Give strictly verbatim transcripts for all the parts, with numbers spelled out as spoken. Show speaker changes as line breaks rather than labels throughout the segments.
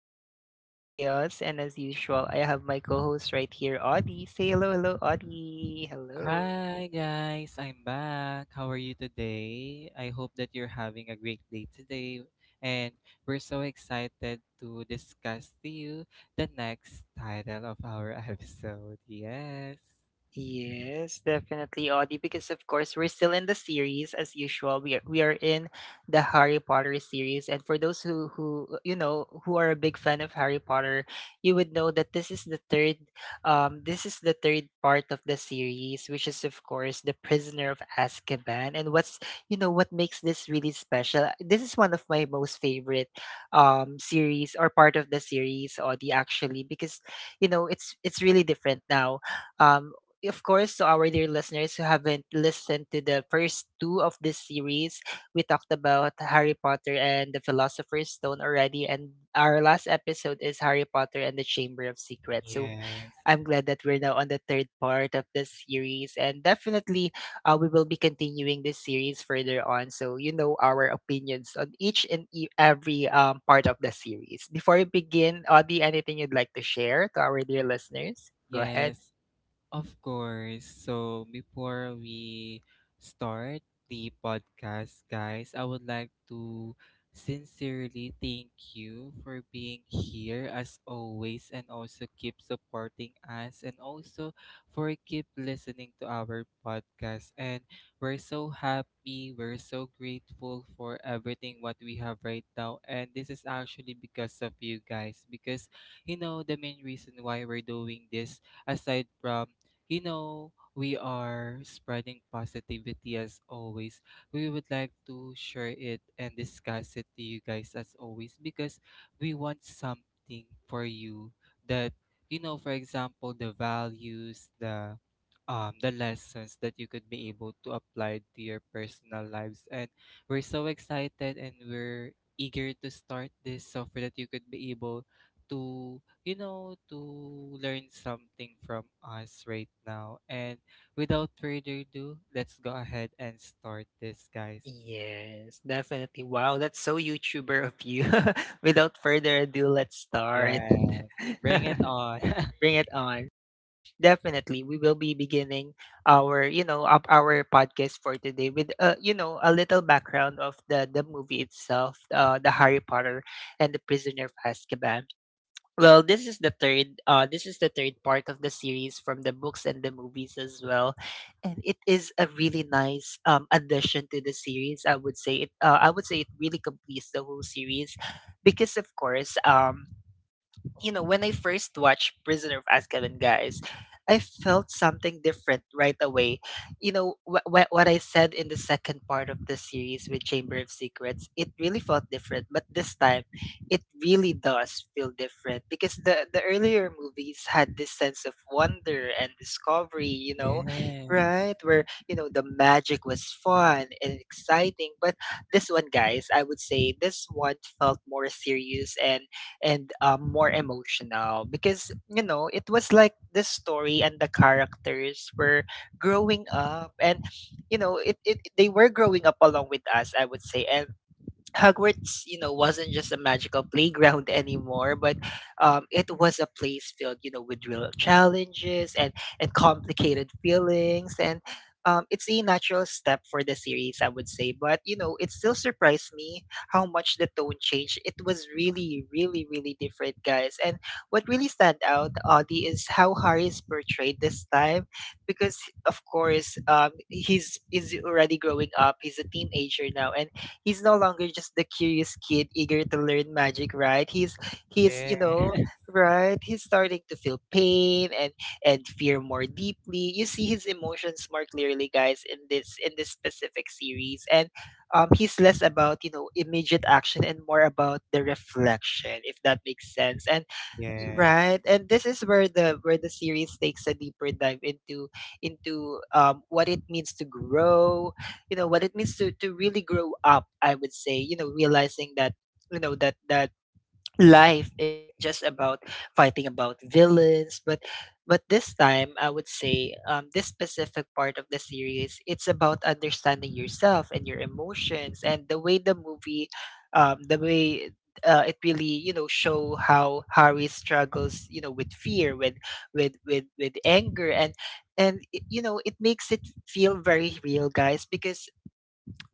is Two Cups of Chaos, and as usual, I have my co host right here, Audie. Say hello, hello, Audie. Hello.
Hi guys, I'm back. How are you today? I hope that you're having a great day today, and we're so excited to discuss to you the next title of our episode. Yes.
Yes, definitely, Audie, because of course we're still in the series as usual. We are, we are in the Harry Potter series, and for those who who uh, you know who are a big fan of Harry Potter, you would know that this is the third, um, this is the third part of the series, which is of course the Prisoner of Azkaban. And what's you know what makes this really special? This is one of my most favorite, um, series or part of the series, Audie, actually, because you know it's it's really different now. um of course, to our dear listeners who haven't listened to the first two of this series, we talked about Harry Potter and the Philosopher's Stone already, and our last episode is Harry Potter and the Chamber of Secrets. So
Yes.
I'm glad that we're now on the third part of this series, and definitely uh, we will be continuing this series further on. So you know our opinions on each and e- every um, part of the series. Before we begin, Audie, anything you'd like to share to our dear listeners? Go ahead.
Yes. Of course. So before we start the podcast, guys, I would like to sincerely thank you for being here as always, and also keep supporting us, and also for keep listening to our podcast. And we're so happy, we're so grateful for everything what we have right now, and this is actually because of you guys. Because you know the main reason why we're doing this, aside from, you know, we are spreading positivity as always. We would like to share it and discuss it to you guys as always, because we want something for you that, you know, for example, the values, the um, the lessons that you could be able to apply to your personal lives. And we're so excited and we're eager to start this, so for that you could be able to, you know, to learn something from us right now. And without further ado, let's go ahead and start this, guys.
Yes, definitely. Wow, that's so YouTuber of you. Without further ado, let's start.
Yes. Bring it on.
Bring it on. Definitely, we will be beginning our, you know, up our podcast for today with, uh, you know, a little background of the the movie itself, uh, the Harry Potter and the Prisoner of Azkaban. Well, this is the third uh this is the third part of the series from the books and the movies as well. And it is a really nice um addition to the series. I would say it uh, I would say it really completes the whole series because of course um you know, when I first watched Prisoner of Azkaban, guys, I felt something different right away. You know, wh- wh- what I said in the second part of the series with Chamber of Secrets, it really felt different. But this time, it really does feel different because the, the earlier movies had this sense of wonder and discovery, you know,
Yes.
right? Where, you know, the magic was fun and exciting. But this one, guys, I would say this one felt more serious and and um, more emotional because you know it was like the story and the characters were growing up and you know it, it they were growing up along with us, I would say. And Hogwarts, you know, wasn't just a magical playground anymore, but um, it was a place filled, you know, with real challenges and and complicated feelings, and um, it's a natural step for the series, I would say. But you know, it still surprised me how much the tone changed. It was really, really, really different, guys. And what really stand out, Audie, is how Harry is portrayed this time, because of course, um, he's is already growing up. He's a teenager now, and he's no longer just the curious kid eager to learn magic, right? He's he's
Yeah.
you know right. He's starting to feel pain and and fear more deeply. You see his emotions more clearly, guys, in this in this specific series, and um, he's less about you know immediate action and more about the reflection, if that makes sense. And
Yes.
right, and this is where the where the series takes a deeper dive into into um, what it means to grow, you know what it means to to really grow up, I would say. You know, realizing that you know that that life isn't just about fighting about villains but but this time, I would say, um, this specific part of the series, it's about understanding yourself and your emotions. And the way the movie um, the way uh, it really you know show how Harry struggles, you know, with fear, with with with with anger. And and it- you know it makes it feel very real, guys, because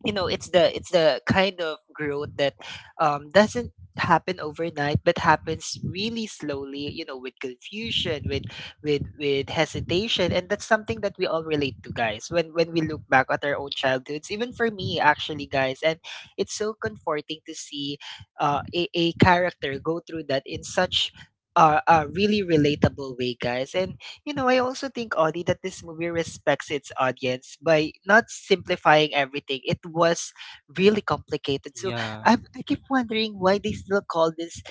you know it's the it's the kind of growth that um, doesn't happen overnight but happens really slowly, you know, with confusion, with with with hesitation. And that's something that we all relate to, guys, when when we look back at our own childhoods, even for me actually, guys. And it's so comforting to see uh, a, a character go through that in such uh, a really relatable way, guys. And you know, I also think, Audie, that this movie respects its audience by not simplifying everything. It was really complicated. So
Yeah.
I, I keep wondering why they still call this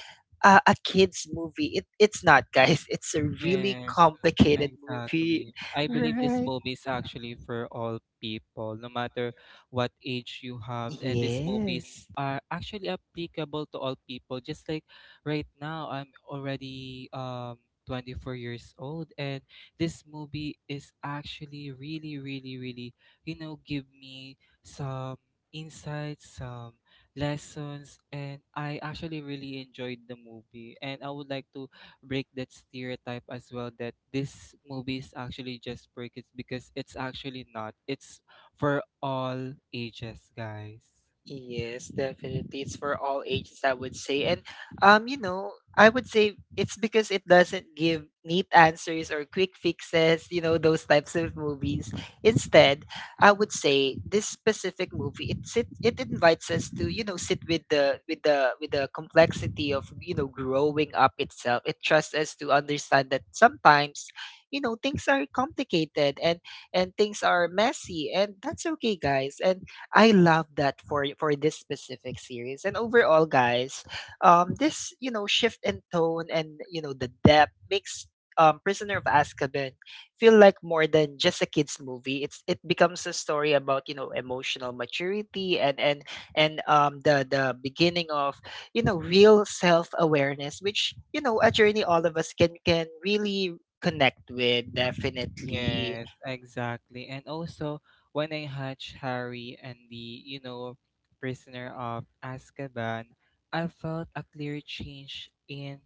uh, a kid's movie. It, it's not, guys. It's a really
Yes,
complicated movie.
exactly. I believe this
Right?
movie is actually for all people, no matter what age you have. And these movies
Yes.
are actually applicable to all people. Just like right now, I'm already um twenty-four years old, and this movie is actually really, really, really, you know, give me some insights, some lessons, and I actually really enjoyed the movie. And I would like to break that stereotype as well, that this movie is actually just for kids, because it's actually not. It's for all ages, guys.
Yes, definitely. It's for all ages, I would say. And um, you know, I would say it's because it doesn't give neat answers or quick fixes, you know, those types of movies. Instead, I would say this specific movie, it sit it invites us to, you know, sit with the with the with the complexity of, you know, growing up itself. It trusts us to understand that sometimes, you know, things are complicated and and things are messy, and that's okay, guys. And I love that for for this specific series. And overall, guys, um, this you know shift in tone and you know the depth makes um, Prisoner of Azkaban feel like more than just a kids movie. It's it becomes a story about you know emotional maturity and and and um, the the beginning of you know real self awareness, which you know a journey all of us can can really connect with, definitely.
Yes, exactly. And also, when I hatched Harry and the, you know, Prisoner of Azkaban, I felt a clear change in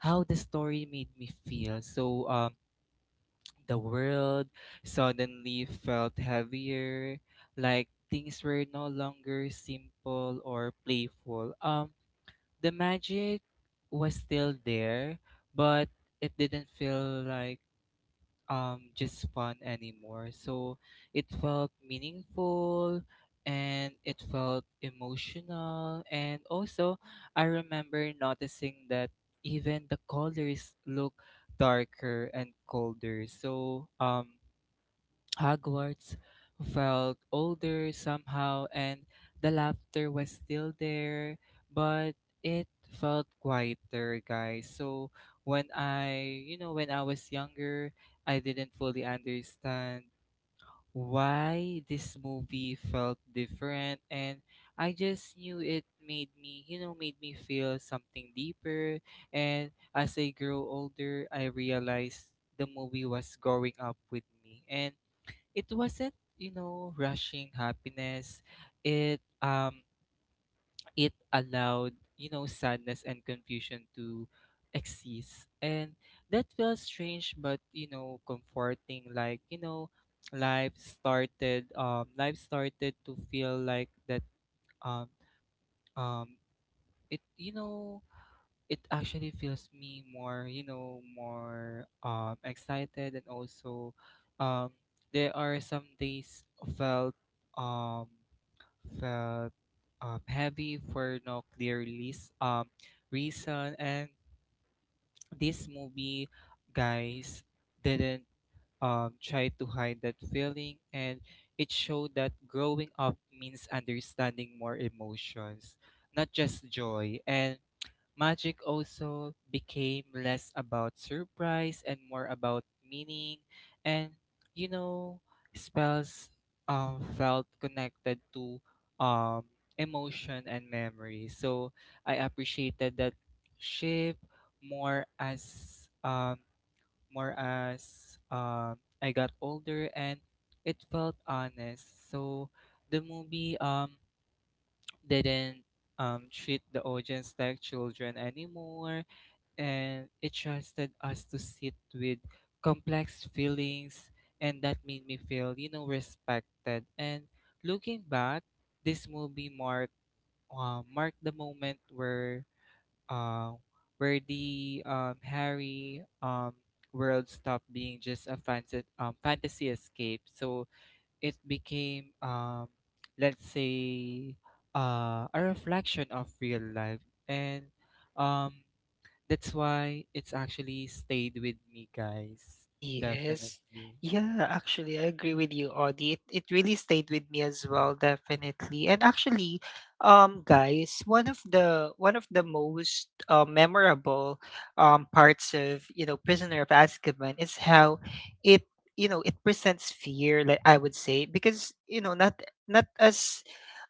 how the story made me feel. So, um, the world suddenly felt heavier, like things were no longer simple or playful. Um, the magic was still there, but it didn't feel like um just fun anymore. So it felt meaningful and it felt emotional. And also, I remember noticing that even the colors look darker and colder. So, um Hogwarts felt older somehow, and the laughter was still there, but it felt quieter, guys. So when I, you know, when I was younger, I didn't fully understand why this movie felt different, and I just knew it made me, you know, made me feel something deeper. And as I grew older, I realized the movie was growing up with me, and it wasn't, you know rushing happiness. It um it allowed, you know sadness and confusion to exist, and that felt strange but, you know comforting. Like, you know life started um life started to feel like that. Um um it you know it actually feels me more, you know more um excited. And also, um there are some days felt um felt um heavy for no clear least um reason. And this movie, guys, didn't um try to hide that feeling, and it showed that growing up means understanding more emotions, not just joy. And magic also became less about surprise and more about meaning. And, you know, spells um, felt connected to um, emotion and memory. So I appreciated that shift more as um, more as um, I got older, and it felt honest. So the movie um, didn't um, treat the audience like children anymore, and it trusted us to sit with complex feelings, and that made me feel, you know respected. And looking back, this movie marked uh, marked the moment where uh, where the um, Harry um, world stopped being just a fantasy, um, fantasy escape. So it became, um, let's say, uh, a reflection of real life. And um that's why it's actually stayed with me, guys.
Yes.
Definitely.
Yeah, actually, I agree with you, Audie. It, it really stayed with me as well, definitely. And actually, um, guys, one of the one of the most uh, memorable um parts of you know Prisoner of Azkaban is how it you know it presents fear, like I would say, because you know not not as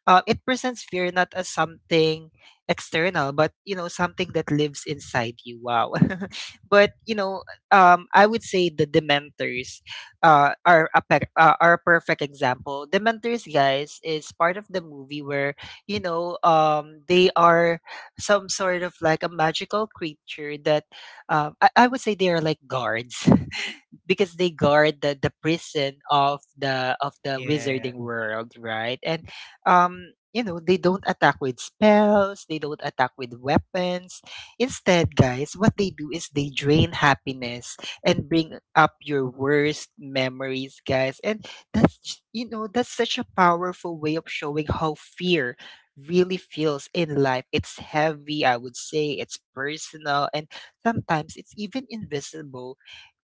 uh, it presents fear not as something external, but you know something that lives inside you. Wow. But you know, um, I would say the Dementors uh, are a per- uh, are a perfect example. Dementors, guys, is part of the movie where you know um, they are some sort of like a magical creature that um, I, I would say they are like guards because they guard the, the prison of the of the
Yeah.
wizarding world, right? And um, you know, they don't attack with spells, they don't attack with weapons. Instead, guys, what they do is they drain happiness and bring up your worst memories, guys. And that's j- you know, that's such a powerful way of showing how fear really feels in life. It's heavy, I would say, it's personal, and sometimes it's even invisible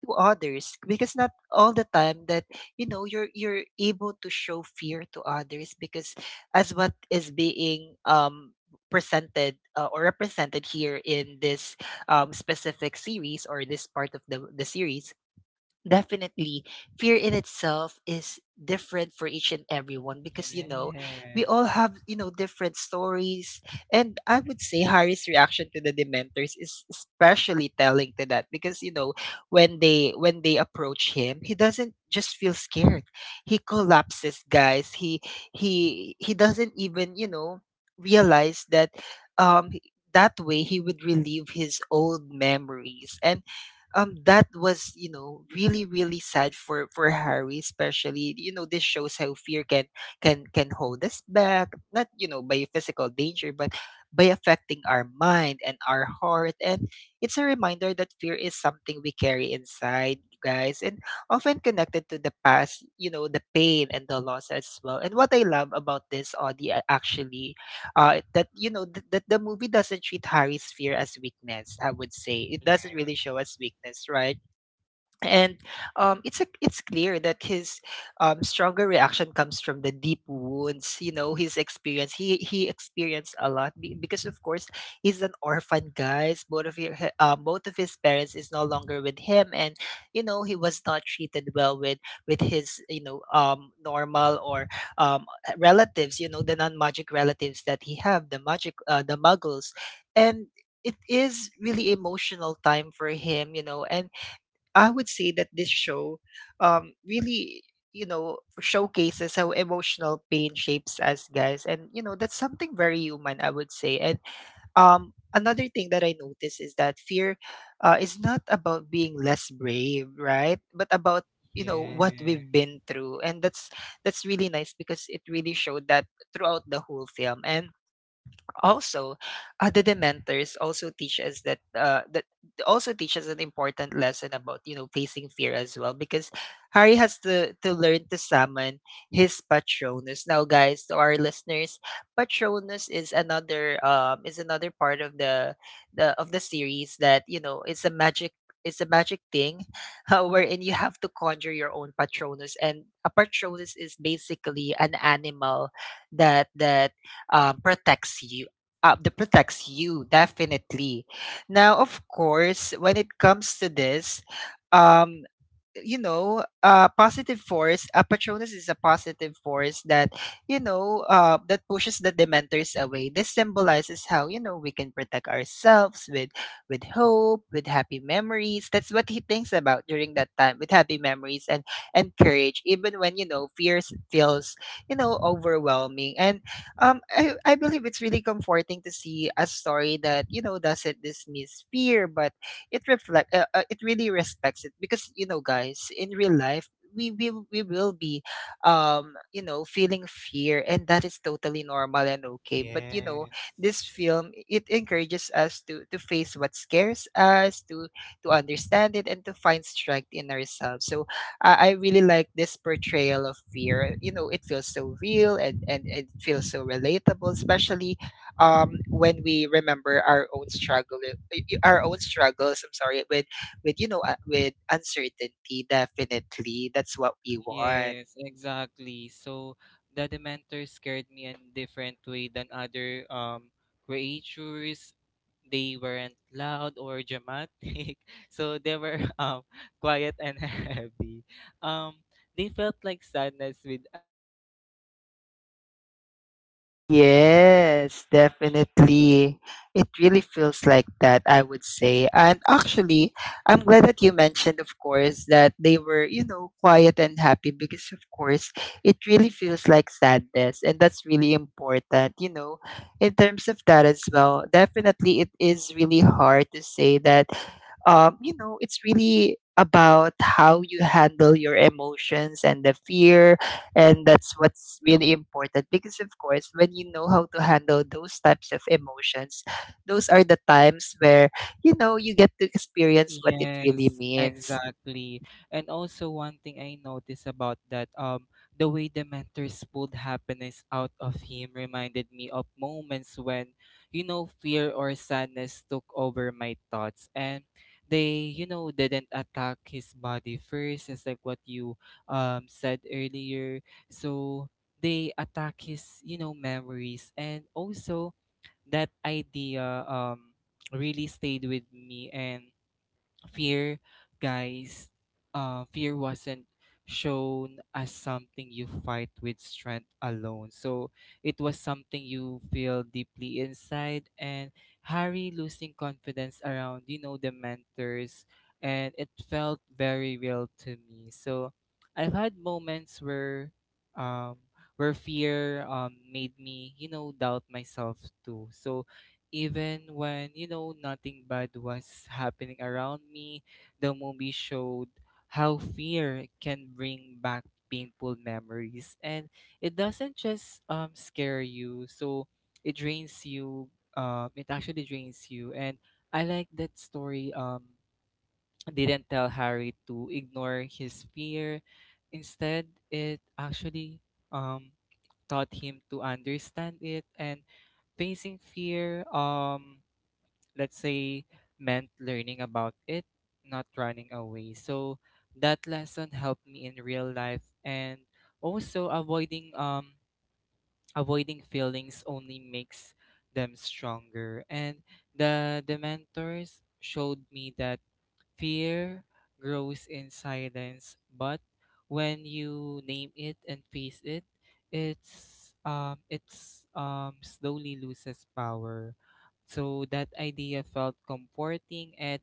to others because not all the time that you know you're you're able to show fear to others because as what is being um presented uh, or represented here in this um, specific series or this part of the the series. Definitely. Fear in itself is different for each and everyone because, you know, we
Yes.
all have, you know, different stories. And I would say Harry's reaction to the Dementors is especially telling to that because, you know, when they when they approach him, he doesn't just feel scared. He collapses, guys. He he he doesn't even, you know, realize that um that way he would relieve his old memories. And um that was you know really really sad for for Harry, especially. You know, this shows how fear can can can hold us back, not you know by physical danger but by affecting our mind and our heart. And it's a reminder that fear is something we carry inside, guys, and often connected to the past, you know, the pain and the loss as well. And what I love about this, audi actually, uh, that you know th- that the movie doesn't treat Harry's fear as weakness. I would say it doesn't really show as weakness, right? And um, it's a, it's clear that his um, stronger reaction comes from the deep wounds, you know, his experience. He he experienced a lot, be- because of course he's an orphan, guys. Both of your, uh, both of his parents is no longer with him. And you know he was not treated well with with his, you know, um, normal or um, relatives, you know, the non-magic relatives that he have. The magic uh, the muggles. And it is really emotional time for him, you know. And I would say that this show um, really, you know, showcases how emotional pain shapes us, guys. And, you know, that's something very human, I would say. And um, Another thing that I noticed is that fear uh, is not about being less brave, right? But about you know what
Yeah.
we've been through, and that's that's really nice because it really showed that throughout the whole film. And also, uh, the dementors also teach us that uh that also teach us an important lesson about, you know, facing fear as well, because Harry has to to learn to summon his patronus. Now guys, to our listeners, patronus is another um is another part of the the of the series that, you know, it's a magic, it's a magic thing uh, wherein you have to conjure your own patronus. And a patronus is basically an animal that that um, protects you, uh, that protects you, definitely. Now of course, when it comes to this, um you know, uh, positive force, uh, Patronus is a positive force that, you know, uh, that pushes the Dementors away. This symbolizes how, you know, we can protect ourselves with, with hope, with happy memories. That's what he thinks about during that time, with happy memories, and, and courage, even when, you know, fears feels, you know, overwhelming. And um, I, I believe it's really comforting to see a story that, you know, doesn't dismiss fear, but it reflect uh, uh, it really respects it, because you know guys, in real life we will we will be um you know, feeling fear, and that is totally normal and okay. But you know,
Yes.
this film, it encourages us to to face what scares us, to to understand it, and to find strength in ourselves. So i, I really like this portrayal of fear. You know, it feels so real, and and it feels so relatable, especially um, when we remember our own struggle, y- y- our own struggles. I'm sorry, with with you know, uh, with uncertainty. Definitely, that's what we want.
Yes, exactly. So the Dementor scared me in different way than other um creatures. They weren't loud or dramatic, so they were um quiet and heavy. Um, they felt like sadness with a shape. And also watching um
Yes,
watching Harry.
definitely. It really feels like that, I would say. And actually, I'm glad that you mentioned, of course, that they were, you know, quiet and happy because, of course, it really feels like sadness. And that's really important, you know, in terms of that as well. Definitely, it is really hard to say that, um, you know, it's really about how you handle your emotions and the fear, and that's what's really important, because of course, when you know how to handle those types of emotions, those are the times where you know you get to experience what it really
Yes,
means.
exactly. And also one thing I noticed about that, um, the way the mentors pulled happiness out of him reminded me of moments when, you know, fear or sadness took over my thoughts. And they, you know, didn't attack his body first. It's like what you um said earlier. So they attack his, you know, memories. And also, that idea um really stayed with me. And fear guys uh, fear wasn't shown as something you fight with strength alone. So it was something you feel deeply inside, and Harry losing confidence around, you know the mentors, and it felt very real to me. So I've had moments where um where fear um made me, you know doubt myself too. So even when, you know, nothing bad was happening around me, the movie showed how fear can bring back painful memories. And it doesn't just um, scare you, so it drains you. Um, it actually drains you. And I like that story um, didn't tell Harry to ignore his fear. Instead, it actually um, taught him to understand it and facing fear. Um, let's say, meant learning about it, not running away. So that lesson helped me in real life. And also, avoiding um avoiding feelings only makes them stronger. And the the mentors showed me that fear grows in silence, but when you name it and face it, it's um it's um slowly loses power. So that idea felt comforting at,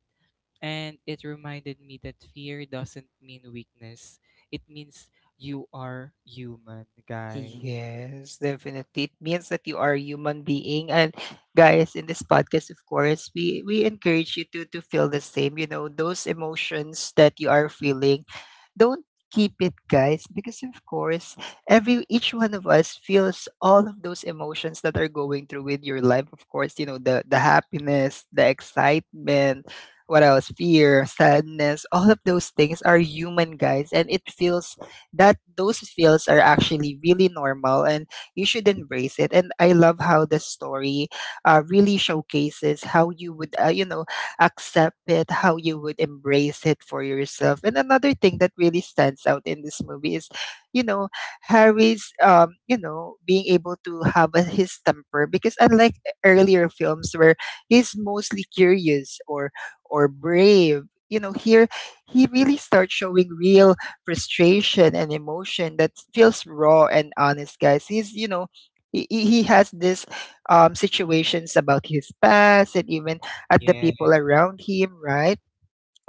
and it reminded me that fear doesn't mean weakness. It means you are human, guys.
Yes, definitely. It means that you are a human being. And guys, in this podcast, of course, we we encourage you to to feel the same. You know, those emotions that you are feeling, don't keep it, guys, because of course, every each one of us feels all of those emotions that are going through with your life. Of course, you know, the the happiness, the excitement, what else? Fear, sadness, all of those things are human, guys, and it feels that those feels are actually really normal, and you should embrace it. And I love how the story uh, really showcases how you would uh, you know, accept it, how you would embrace it for yourself. And another thing that really stands out in this movie is, you know, harry's um you know, being able to have a, his temper, because unlike earlier films where he's mostly curious or or brave, you know, here he really starts showing real frustration and emotion that feels raw and honest, guys. He's, you know, he, he he has this um, situations about his past, and even at the
Yeah,
people around him, right?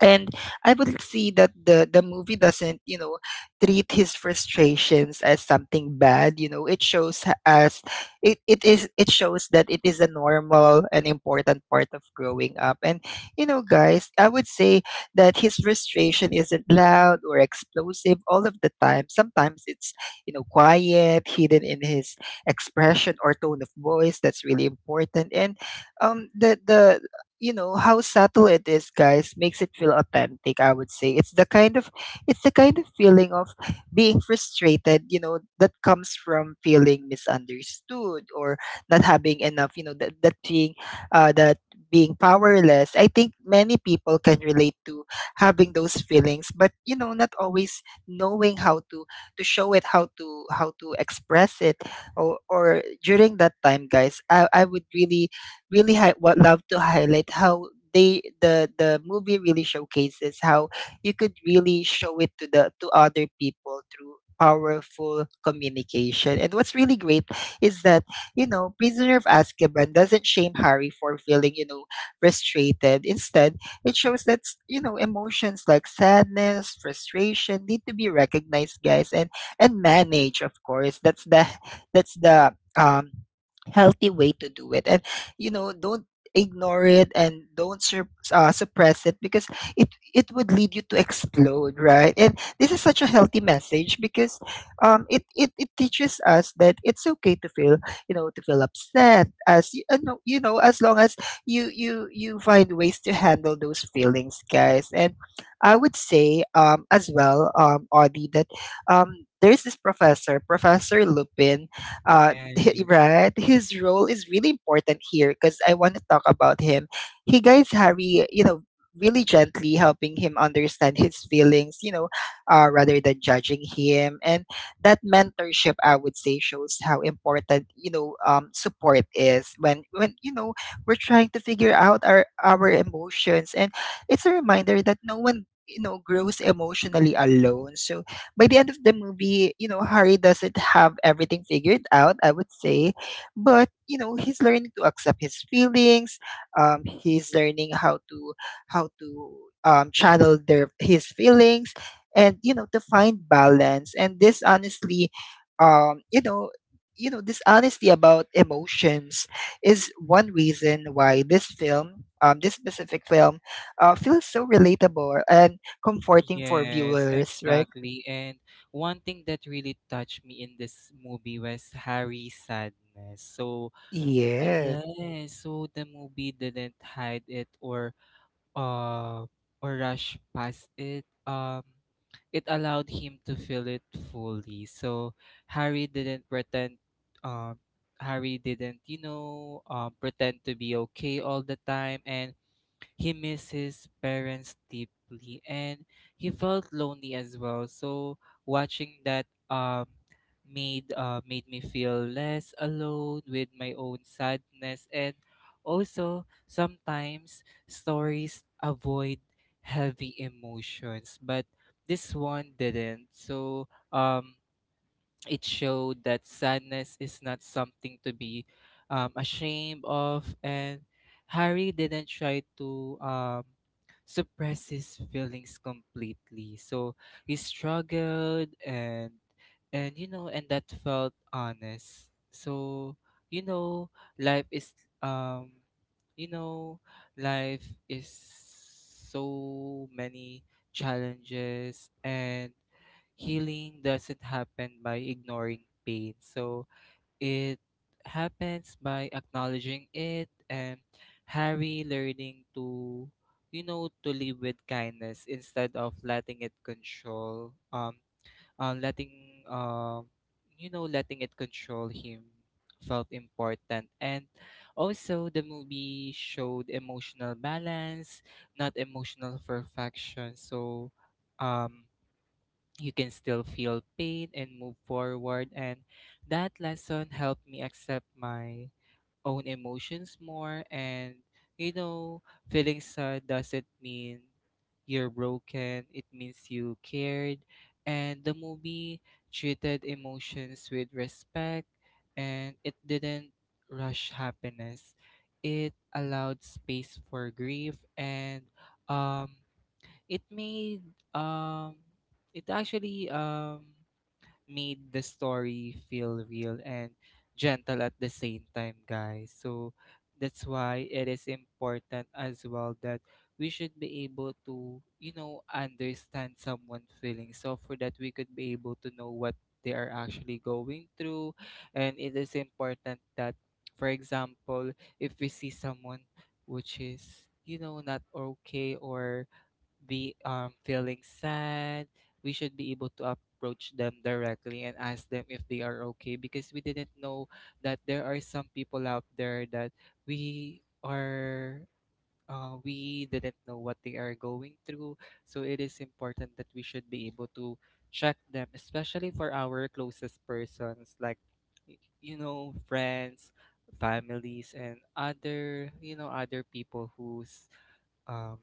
And I would see that the the movie doesn't, you know, treat his frustrations as something bad. You know, it shows h- us it, it is it shows that it is a normal and important part of growing up. And you know, guys, I would say that his frustration isn't loud or explosive all of the time. Sometimes it's, you know, quiet, hidden in his expression or tone of voice. That's really important. And um, the the you know, how subtle it is, guys, makes it feel authentic, I would say. It's the kind of, it's the kind of feeling of being frustrated, you know, that comes from feeling misunderstood, or not having enough, you know, that, that being uh, that being powerless. I think many people can relate to having those feelings, but you know, not always knowing how to to show it, how to how to express it, or, or during that time, guys, I, I would really really hi- what love to highlight how they the the movie really showcases how you could really show it to the to other people through powerful communication. And what's really great is that, you know, Prisoner of Azkaban doesn't shame Harry for feeling, you know, frustrated. Instead, it shows that s- you know, emotions like sadness, frustration need to be recognized, guys, and and managed. Of course, that's the that's the um healthy way to do it. And you know, don't ignore it, and don't sur- uh, suppress it, because it it would lead you to explode, right? And this is such a healthy message, because um it it, it teaches us that it's okay to feel, you know, to feel upset as y- uh, no- you know, as long as you you you find ways to handle those feelings, guys. And i would say um as well, um Audie, that um there's this professor professor Lupin uh
yeah.
right? His role is really important here because I want to talk about him. He guides Harry, you know, really gently, helping him understand his feelings, you know, uh, rather than judging him. And that mentorship, I would say, shows how important, you know, um, support is when, when, you know, we're trying to figure out our, our emotions. And it's a reminder that no one, you know, grows emotionally alone. So by the end of the movie, you know, Harry doesn't have everything figured out, I would say. But, you know, he's learning to accept his feelings. Um, he's learning how to how to um, channel their his feelings, and you know, to find balance. And this honestly, um, you know, you know, this honesty about emotions is one reason why this film, um, this specific film, uh, feels so relatable and comforting for
Yes,
viewers, right?
exactly. And one thing that really touched me in this movie was Harry's sadness. So, uh,
Yes,
yes, so the movie didn't hide it or uh or rush past it. Um, it allowed him to feel it fully. So Harry didn't pretend. Um, Harry didn't, you know, um, pretend to be okay all the time. And he missed his parents deeply, and he felt lonely as well. So watching that, um made uh, made me feel less alone with my own sadness. And also, sometimes stories avoid heavy emotions, but this one didn't. So um it showed that sadness is not something to be um, ashamed of. And Harry didn't try to um, suppress his feelings completely. So he struggled, and and you know and that felt honest. So, you know life is um you know life is so many challenges, and healing doesn't happen by ignoring pain. So it happens by acknowledging it. And Harry learning to you know to live with kindness instead of letting it control um uh, letting um you know letting it control him felt important. And also, the movie showed emotional balance, not emotional perfection. So um you can still feel pain and move forward. And that lesson helped me accept my own emotions more. And, you know, feeling sad doesn't mean you're broken, it means you cared. And the movie treated emotions with respect, and it didn't rush happiness. It allowed space for grief, and um it made um it actually um made the story feel real and gentle at the same time, guys. So that's why it is important as well, that we should be able to, you know understand someone's feelings, so for that we could be able to know what they are actually going through. And it is important that, for example, if we see someone which is, you know not okay or be um, feeling sad, we should be able to approach them directly and ask them if they are okay. Because we didn't know that there are some people out there that we are uh, we didn't know what they are going through. So it is important that we should be able to check them, especially for our closest persons, like y- you know friends, families, and other you know other people who's um,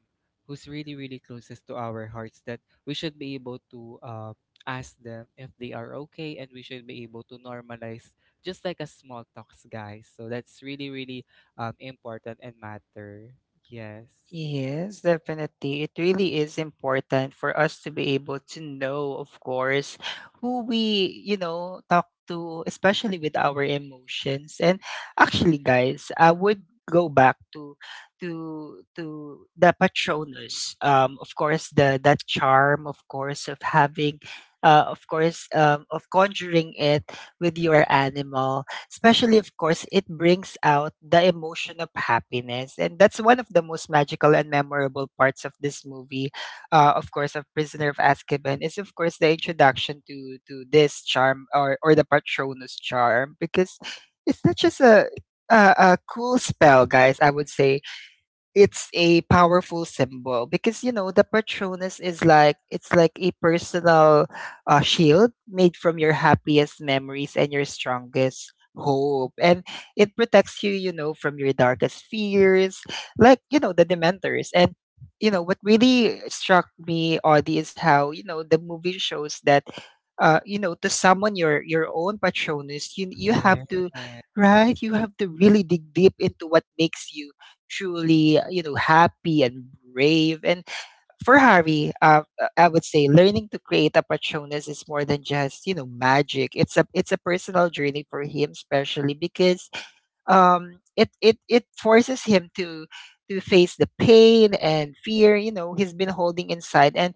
who's really, really closest to our hearts, that we should be able to uh, ask them if they are okay. And we should be able to normalize just like a small talks, guys. So that's really, really um, important and matter. Yes.
yes, definitely. It really is important for us to be able to know, of course, who we, you know, talk to, especially with our emotions. And actually, guys, I would go back to to to the patronus, um of course, the that charm, of course, of having uh of course, um of conjuring it with your animal. Especially, of course, it brings out the emotion of happiness. And that's one of the most magical and memorable parts of this movie, uh, of course, of Prisoner of Azkaban, is, of course, the introduction to, to this charm, or, or the Patronus charm, because it's not just a, a, a cool spell, guys. I would say it's a powerful symbol, because you know the patronus is like, it's like a personal uh, shield made from your happiest memories and your strongest hope, and it protects you, you know, from your darkest fears, like, you know, the dementors. And you know what really struck me, Audie, is how, you know, the movie shows that uh you know, to summon your your own patronus, you you have
Yes.
to, right? You have to really dig deep into what makes you truly, you know, happy and brave. And for Harvey, uh, uh, I would say learning to create a patronus is more than just, you know, magic. It's a, it's a personal journey for him, especially because um it it it forces him to to face the pain and fear, you know, he's been holding inside. And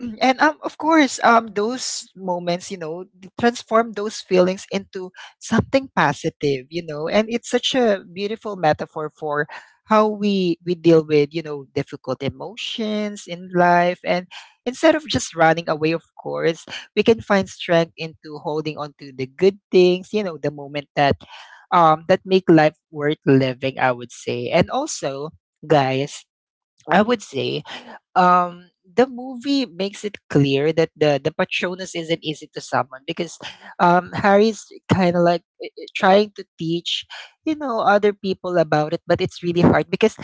and um, of course, um, those moments, you know, th- transform those feelings into something positive, you know. And it's such a beautiful metaphor for how we we deal with, you know, difficult emotions in life. And instead of just running away, of course, we can find strength into holding on to the good things, you know, the moment that um that make life worth living, I would say. And also, guys, I would say um the movie makes it clear that the the patronus isn't easy to summon, because um Harry's kind of like, eh, eh, trying to teach, you know, other people about it, but it's really hard, because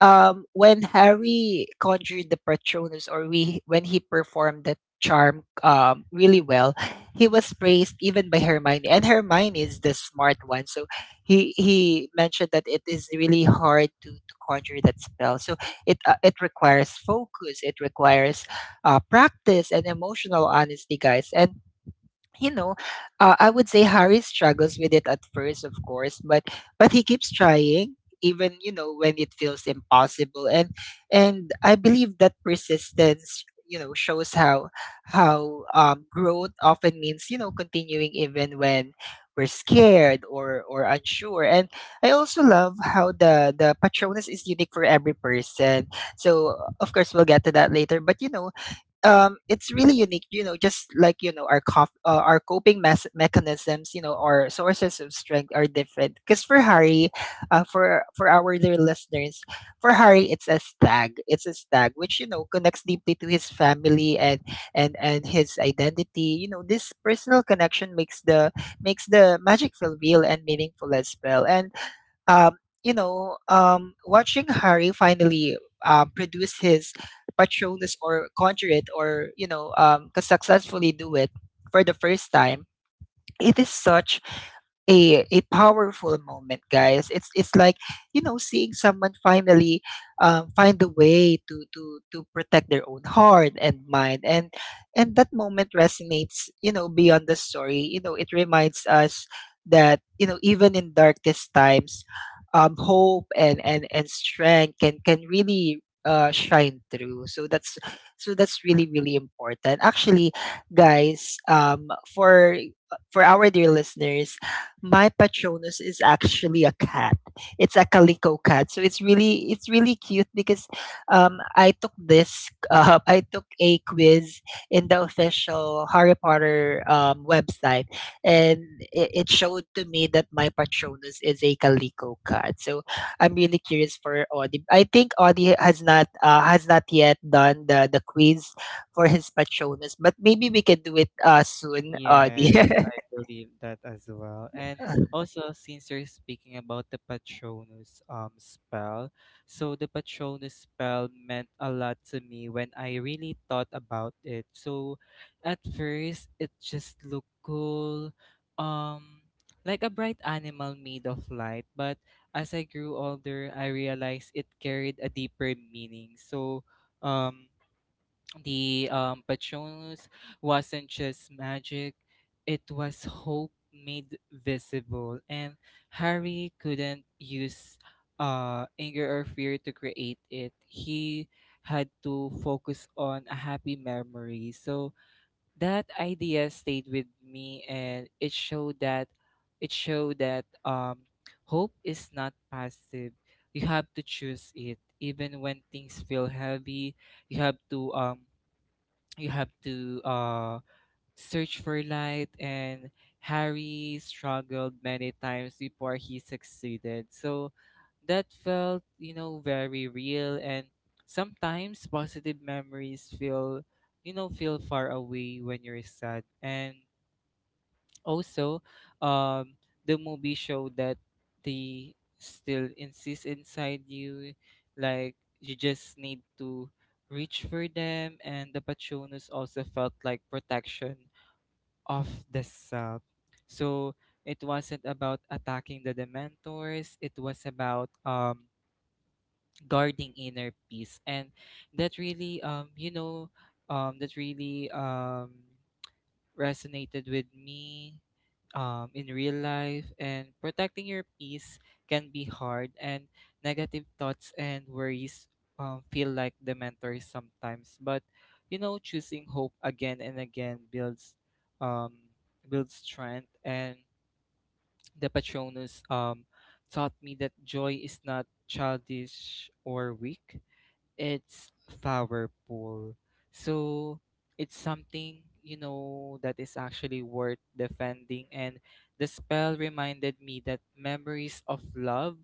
um, when Harry conjured the Patronus, or we when he performed that charm um, really well, he was praised even by Hermione, and Hermione is the smart one. So he he mentioned that it is really hard to, to conjure that spell. So it uh, it requires focus, it requires uh, practice, and emotional honesty, guys. And you know, uh, I would say Harry struggles with it at first, of course, but but he keeps trying, even you know when it feels impossible. And and I believe that persistence, you know, shows how how um, growth often means you know continuing even when we're scared or or unsure. And I also love how the the Patronus is unique for every person. So of course we'll get to that later. But you know um, it's really unique, you know, just like, you know, our cof- uh, our coping mes- mechanisms, you know, our sources of strength are different. Because for Harry, uh, for for our dear listeners, for Harry, it's a stag. It's a stag, which, you know, connects deeply to his family and and and his identity. You know, this personal connection makes the makes the magic feel real and meaningful as well. And um, you know, um, watching Harry finally um, produce his Patronus, or conjure it, or you know, um, 'cause successfully do it for the first time, it is such a a powerful moment, guys. It's it's like, you know seeing someone finally um, find a way to to to protect their own heart and mind. And and that moment resonates, you know beyond the story. You know it reminds us that, you know even in darkest times, um hope and and and strength can can really uh shine through. So that's so that's really, really important, actually, guys. Um for for our dear listeners, my Patronus is actually a cat. It's a calico cat, so it's really it's really cute because um, I took this uh, I took a quiz in the official Harry Potter um, website, and it, it showed to me that my Patronus is a calico cat. So I'm really curious for Audie. I think Audie has not uh, has not yet done the the quiz for his Patronus, but maybe we can do it uh, soon, Audie.
Yes, I believe that as well. And also, since you're speaking about the Patronus um spell, so the Patronus spell meant a lot to me when I really thought about it. So at first, it just looked cool, um, like a bright animal made of light. But as I grew older, I realized it carried a deeper meaning. So, um the um, Patronus wasn't just magic, it was hope made visible. And Harry couldn't use uh, anger or fear to create it. He had to focus on a happy memory. So that idea stayed with me, and it showed that it showed that um, hope is not passive. You have to choose it. Even when things feel heavy, you have to um you have to uh, search for light. And Harry struggled many times before he succeeded, so that felt you know very real. And sometimes positive memories feel you know feel far away when you're sad. And also, um, the movie showed that they still insist inside you, like you just need to reach for them. And the Patronos also felt like protection of the sub. So it wasn't about attacking the Dementors; it was about um guarding inner peace, and that really um you know um that really um resonated with me um, in real life. And protecting your peace can be hard, and negative thoughts and worries um, feel like the mentors sometimes. But you know, choosing hope again and again builds um, builds strength, and the Patronus um, taught me that joy is not childish or weak. It's powerful. So it's something, you know, that is actually worth defending. And the spell reminded me that memories of love,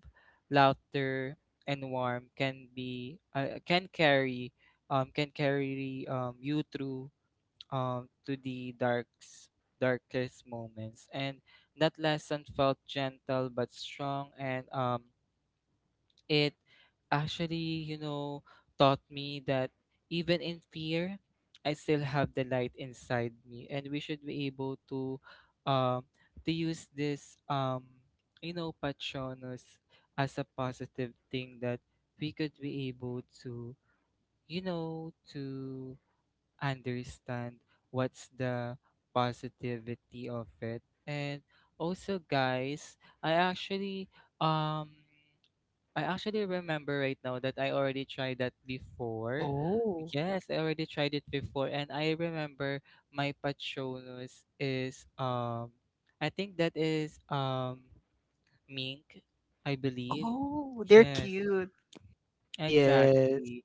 laughter, and warmth can be uh, can carry um can carry um you through um to the darks darkest moments. And that lesson felt gentle but strong. And um it actually, you know, taught me that even in fear, I still have the light inside me, and we should be able to, um, to use this, um, you know, patronos as a positive thing that we could be able to, you know, to understand what's the positivity of it. And also, guys, I actually, um. I actually remember right now that I already tried that before.
Oh.
Yes, I already tried it before, and I remember my patronus is, um, I think that is um mink, I believe.
Oh, they're
Yes,
cute. Yes.
exactly.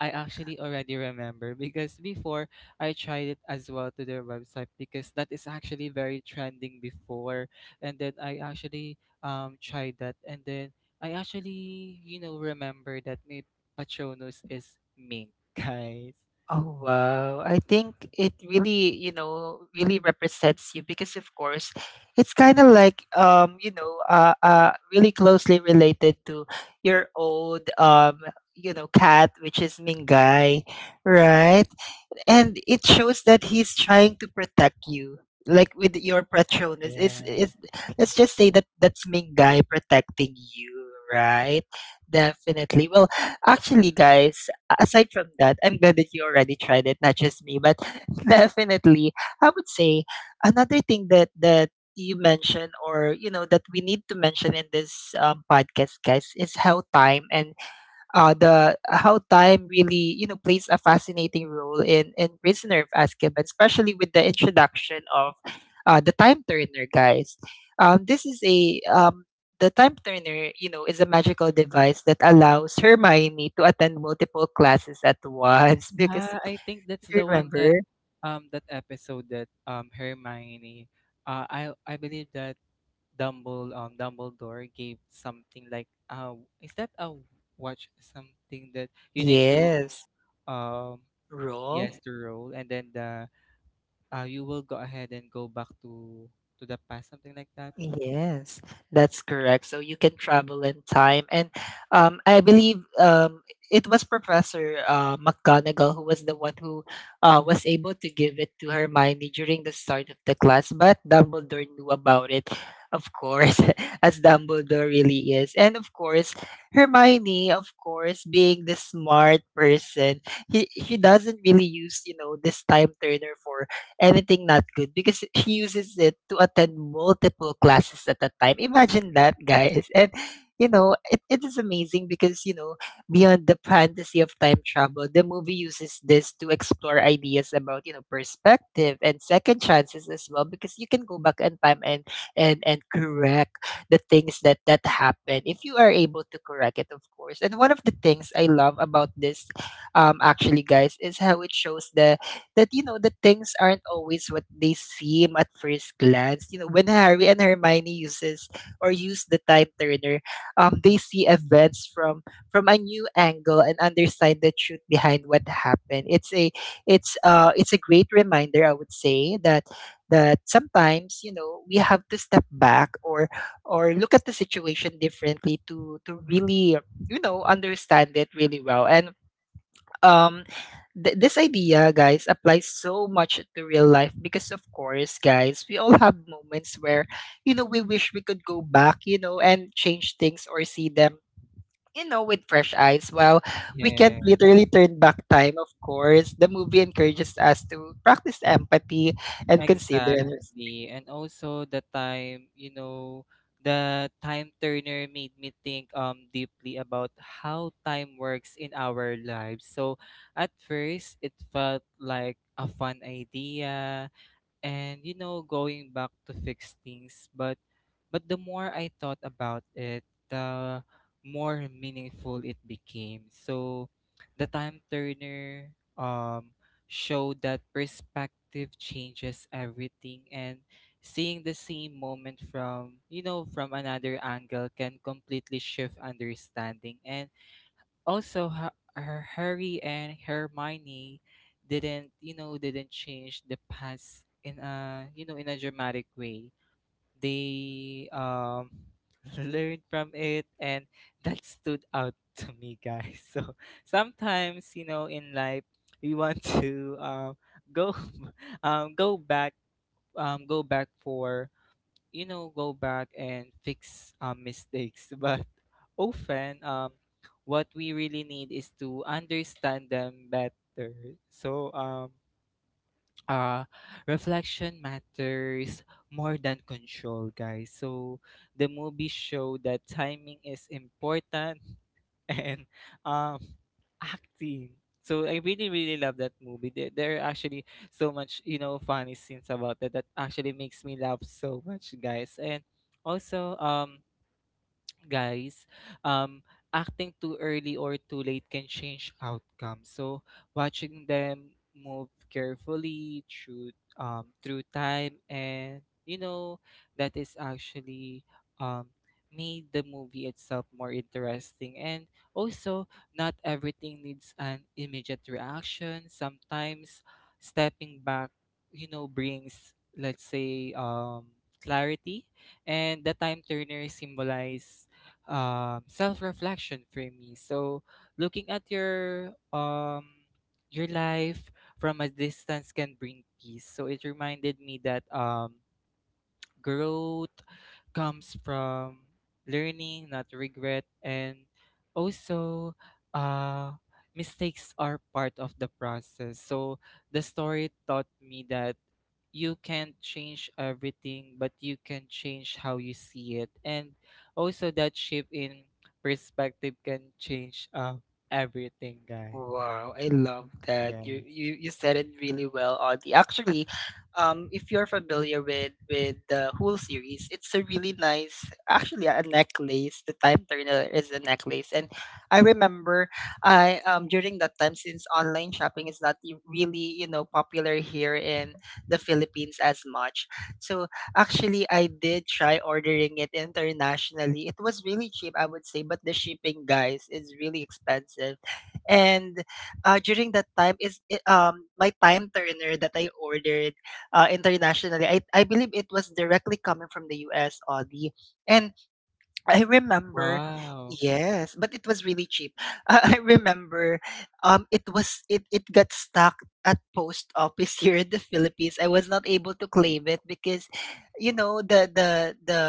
I actually already remember because before I tried it as well to their website because that is actually very trending before, and then I actually um tried that, and then I actually, you know, remember that my Patronos is mink, guys.
Oh, wow. I think it really, you know, really represents you because, of course, it's kind of like, um, you know, uh, uh, really closely related to your old, um, you know, cat, which is Mingay, right? And it shows that he's trying to protect you, like, with your patronus it's,
Yeah.
it's let's just say that that's Ming guy protecting you, right? Definitely. Well, actually, guys, aside from that, I'm glad that you already tried it, not just me, but definitely. I would say another thing that that you mentioned, or you know that we need to mention in this, um, podcast, guys, is how time and uh, the how time really, you know plays a fascinating role in in Prisoner of Azkaban, especially with the introduction of uh, the time turner, guys. Um, this is a um, The time turner, you know, is a magical device that allows Hermione to attend multiple classes at once. Because
Yeah, I think that's
you
the one
remember,
that um that episode that um Hermione uh I I believe that Dumble um Dumbledore gave something like uh is that a watch, something that you need to
yes,
um
roll.
yes, to roll, and then the uh you will go ahead and go back to to the past, something like that.
Yes, that's correct. So you can travel in time. And um, I believe, um, it was Professor uh, McGonagall, who was the one who uh, was able to give it to Hermione during the start of the class, but Dumbledore knew about it, of course, as Dumbledore really is. And of course, Hermione, of course, being the smart person, he, she doesn't really use, you know, this time turner for anything not good, because she uses it to attend multiple classes at a time. Imagine that, guys. And you know, it, it is amazing because, you know, beyond the fantasy of time travel, the movie uses this to explore ideas about, you know, perspective and second chances as well, because you can go back in time and and and correct the things that that happen, if you are able to correct it, of course. And one of the things I love about this, um, actually, guys, is how it shows the that, you know that things aren't always what they seem at first glance. You know, when Harry and Hermione uses or use the time turner, um, they see events from from a new angle and understand the truth behind what happened. It's a it's uh it's a great reminder, I would say, that that sometimes, you know we have to step back, or or look at the situation differently to to really, you know understand it really well. And um th- this idea, guys, applies so much to real life, because of course, guys, we all have moments where, you know we wish we could go back, you know and change things, or see them, you know with fresh eyes. Well, we
Yeah,
can't literally turn back time. Of course, the movie encourages us to practice empathy and consider.
exactly. And also the time you know the time turner made me think um deeply about how time works in our lives. So at first it felt like a fun idea, and you know going back to fix things, but but the more I thought about it, the more meaningful it became. So the time turner um showed that perspective changes everything, and seeing the same moment from you know from another angle can completely shift understanding. And also, Ha- Har- harry and Hermione didn't you know didn't change the past in a you know in a dramatic way. They um learned from it, and that stood out to me, guys. So sometimes you know in life, we want to um go um go back um go back for you know go back and fix um, mistakes, but often, um, what we really need is to understand them better. So um uh reflection matters more than control, guys. So the movie showed that timing is important, and um acting. So I really, really love that movie. There, there are actually so much you know funny scenes about that that actually makes me laugh so much, guys. And also, um guys, um, acting too early or too late can change outcomes. So watching them move carefully through um, through time, and you know that is actually, um, made the movie itself more interesting. And also, not everything needs an immediate reaction. Sometimes stepping back, you know, brings, let's say, um, clarity. And the time turner symbolize um, self-reflection for me. So looking at your um your life from a distance can bring peace. So it reminded me that um growth comes from learning, not regret. And also, uh, mistakes are part of the process. So the story taught me that you can't change everything, but you can change how you see it. And also that shift in perspective can change, uh, everything, guy.
Wow, I love that.
Yeah.
You you you said it really well, Audie. Actually, um, if you're familiar with with the whole series, it's a really nice, actually, a necklace. The time turner is a necklace, and I remember, I um during that time, since online shopping is not y- really, you know popular here in the Philippines as much. So actually, I did try ordering it internationally. It was really cheap, I would say, but the shipping, guys, is really expensive. And uh, during that time, is it, um my time turner that I ordered uh, internationally, I I believe, it was directly coming from the U S, Audi. And I remember,
Wow.
yes, but it was really cheap. I remember, um it was it it got stuck at post office here in the Philippines. I was not able to claim it because, you know the the the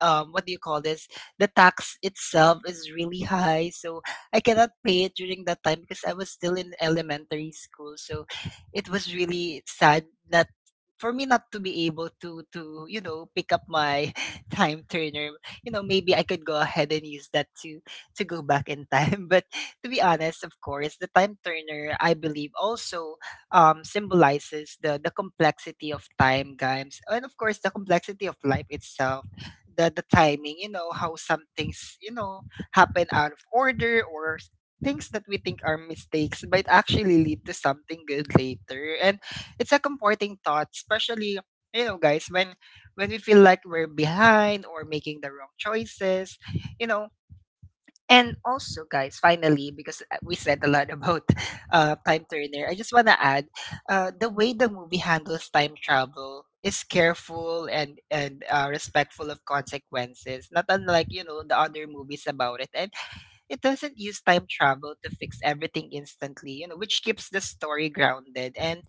um what do you call this? The tax itself is really high, so I cannot pay it during that time because I was still in elementary school. So it was really sad that, for me, not to be able to to you know pick up my time turner. You know, maybe I could go ahead and use that to to go back in time. But to be honest, of course, the time turner, I believe, also um, symbolizes the the complexity of time, guys, and of course, the complexity of life itself. The the timing, you know, how some things, you know, happen out of order, or s- things that we think are mistakes might actually lead to something good later. And it's a comforting thought, especially, you know, guys, when when we feel like we're behind or making the wrong choices, you know. And also, guys, finally, because uh, we said a lot about uh, time turner, I just want to add, uh, the way the movie handles time travel is careful and and uh, respectful of consequences, not unlike, you know the other movies about it. And it doesn't use time travel to fix everything instantly, you know, which keeps the story grounded. And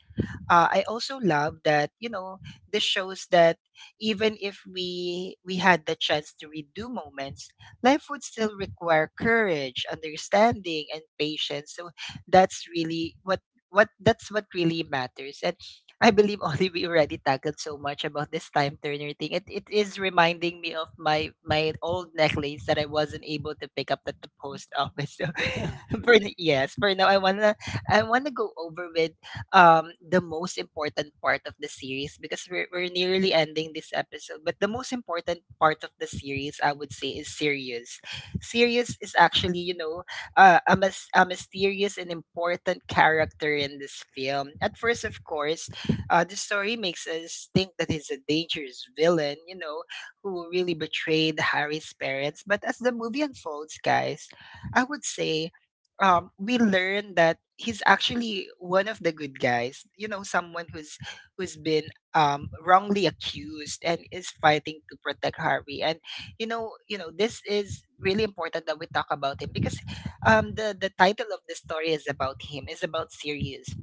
uh, I also love that, you know this shows that even if we we had the chance to redo moments, life would still require courage, understanding, and patience. So that's really what what that's what really matters. And I believe only we already tackled so much about this time turner thing. It it is reminding me of my my old necklace that I wasn't able to pick up at the post office. So for n- yes, for now, I wanna I wanna go over with, um, the most important part of the series, because we're, we're nearly ending this episode. But the most important part of the series, I would say, is Sirius. Sirius is actually, you know, uh, a, mys- a mysterious and important character in this film. At first, of course, uh, the story makes us think that he's a dangerous villain, you know, who really betrayed Harry's parents. But as the movie unfolds, guys, I would say, um, we learn that he's actually one of the good guys. You know, someone who's who's been, um, wrongly accused, and is fighting to protect Harvey. And you know, you know, this is really important that we talk about him, because um, the the title of the story is about him. Is about Sirius,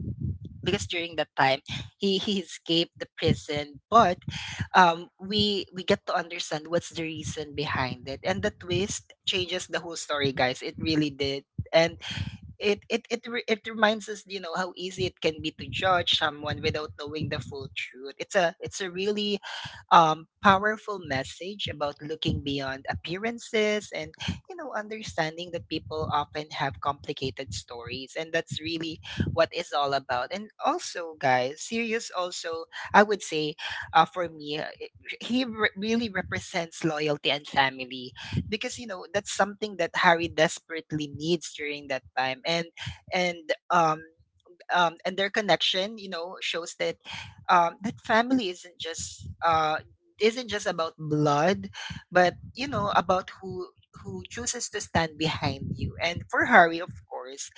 because during that time, he he escaped the prison, but um, we we get to understand what's the reason behind it, and the twist changes the whole story, guys. It really did, and it it it re- it reminds us, you know, how easy it can be to judge someone without knowing the full truth. It's a it's a really um powerful message about looking beyond appearances, and you know, understanding that people often have complicated stories, and that's really what it's all about. And also, guys, sirius also, I would say, uh, for me, uh, it- he re- really represents loyalty and family, because you know, that's something that Harry desperately needs during that time. And and um um and their connection, you know, shows that um that family isn't just uh isn't just about blood, but you know, about who who chooses to stand behind you, and for Harry, of course,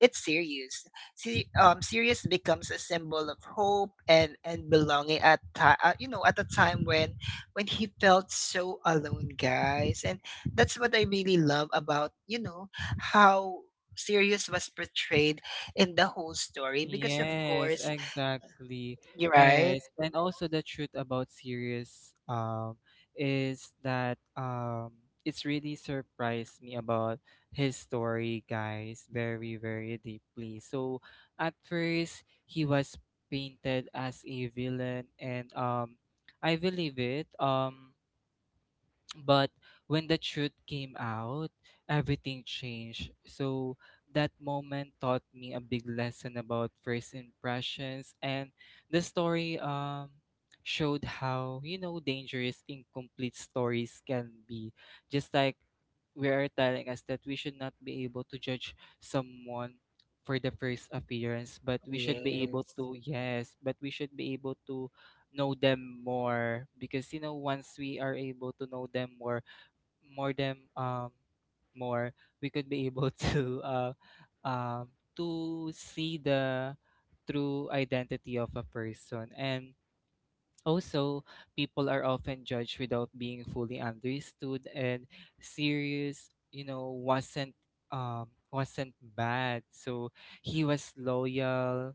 it's serious. See, um, serious becomes a symbol of hope and and belonging at ti- uh, you know, at a time when when he felt so alone, guys. And that's what I really love about, you know, how serious was portrayed in the whole story, because of
Yes,
course
exactly.
you're right.
Yes. And also the truth about series um is that um it's really surprised me about his story, guys, very, very deeply. So at first he was painted as a villain, and um I believe it. Um but when the truth came out, everything changed. So that moment taught me a big lesson about first impressions, and the story um showed how, you know, dangerous incomplete stories can be. Just like we are telling us that we should not be able to judge someone for the first appearance, but we should be able
Yes,
to, yes, but we should be able to know them more. Because you know once we are able to know them more, more them um more we could be able to uh um to see the true identity of a person. And also, people are often judged without being fully understood. And serious you know wasn't um wasn't bad. So he was loyal,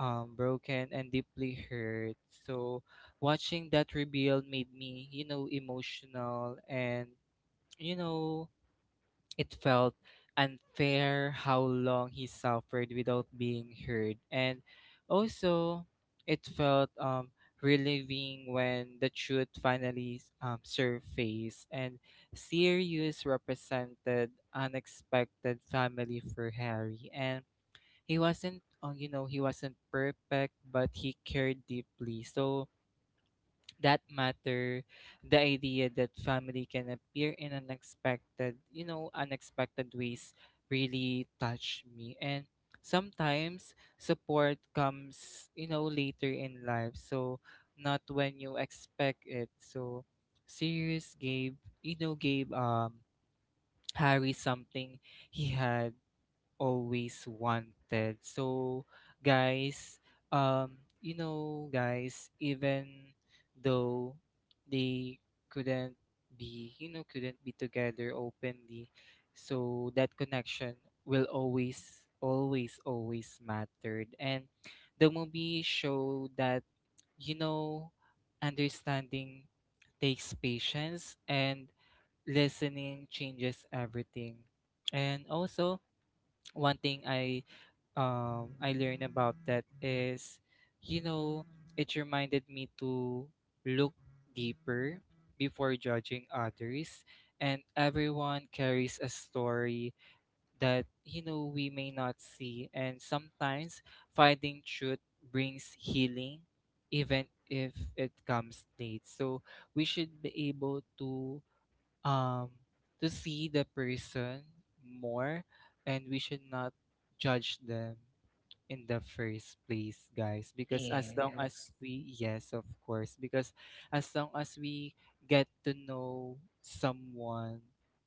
um, broken, and deeply hurt. So watching that reveal made me, you know, emotional, and, you know, it felt unfair how long he suffered without being heard. And also, it felt um, relieving when the truth finally um, surfaced. And Sirius represented unexpected family for Harry. And he wasn't uh, you know he wasn't perfect, but he cared deeply. So that matter. The idea that family can appear in unexpected you know unexpected ways really touched me. And sometimes support comes you know later in life, so not when you expect it. So Sirius gave you know gave um Harry something he had always wanted. So, guys, um, you know, guys, even though they couldn't be, you know, couldn't be together openly, so that connection will always, always, always mattered. And the movie showed that, you know, understanding takes patience, and listening changes everything. And also, one thing I um, I learned about that is, you know, it reminded me to look deeper before judging others. And everyone carries a story that, you know, we may not see. And sometimes finding truth brings healing, even if it comes late. So we should be able to, um, to see the person more, and we should not judge them in the first place, guys. Because as long as
yes.
we, yes, of course, because as long as we get to know someone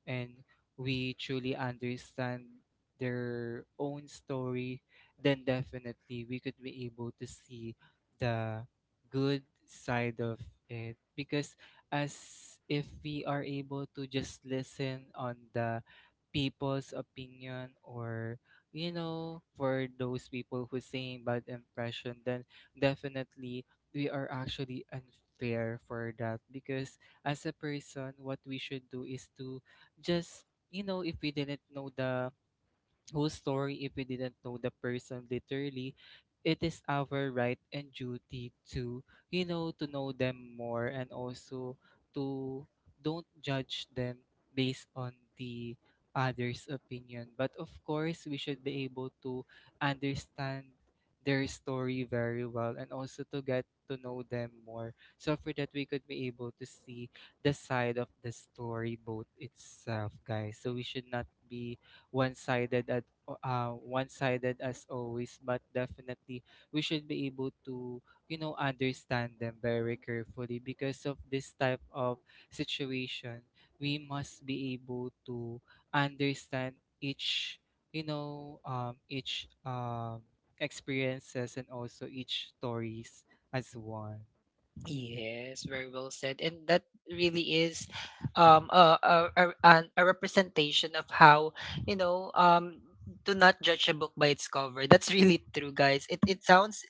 and we truly understand their own story, then definitely we could be able to see the good side of it. Because as if we are able to just listen on the people's opinion, or you know for those people who saying bad impression, then definitely we are actually unfair for that. Because as a person, what we should do is to just, you know if we didn't know the whole story, if we didn't know the person literally, it is our right and duty to you know to know them more, and also to don't judge them based on the other's opinion. But of course, we should be able to understand their story very well, and also to get to know them more, so for that we could be able to see the side of the story both itself, guys. So we should not be one-sided at, uh, one-sided as always, but definitely we should be able to you know understand them very carefully. Because of this type of situation, we must be able to understand each, you know um each um experiences, and also each stories as one.
Yes, very well said. And that really is um a a a, an- a representation of how, you know, um to not judge a book by its cover. That's really true, guys. It it sounds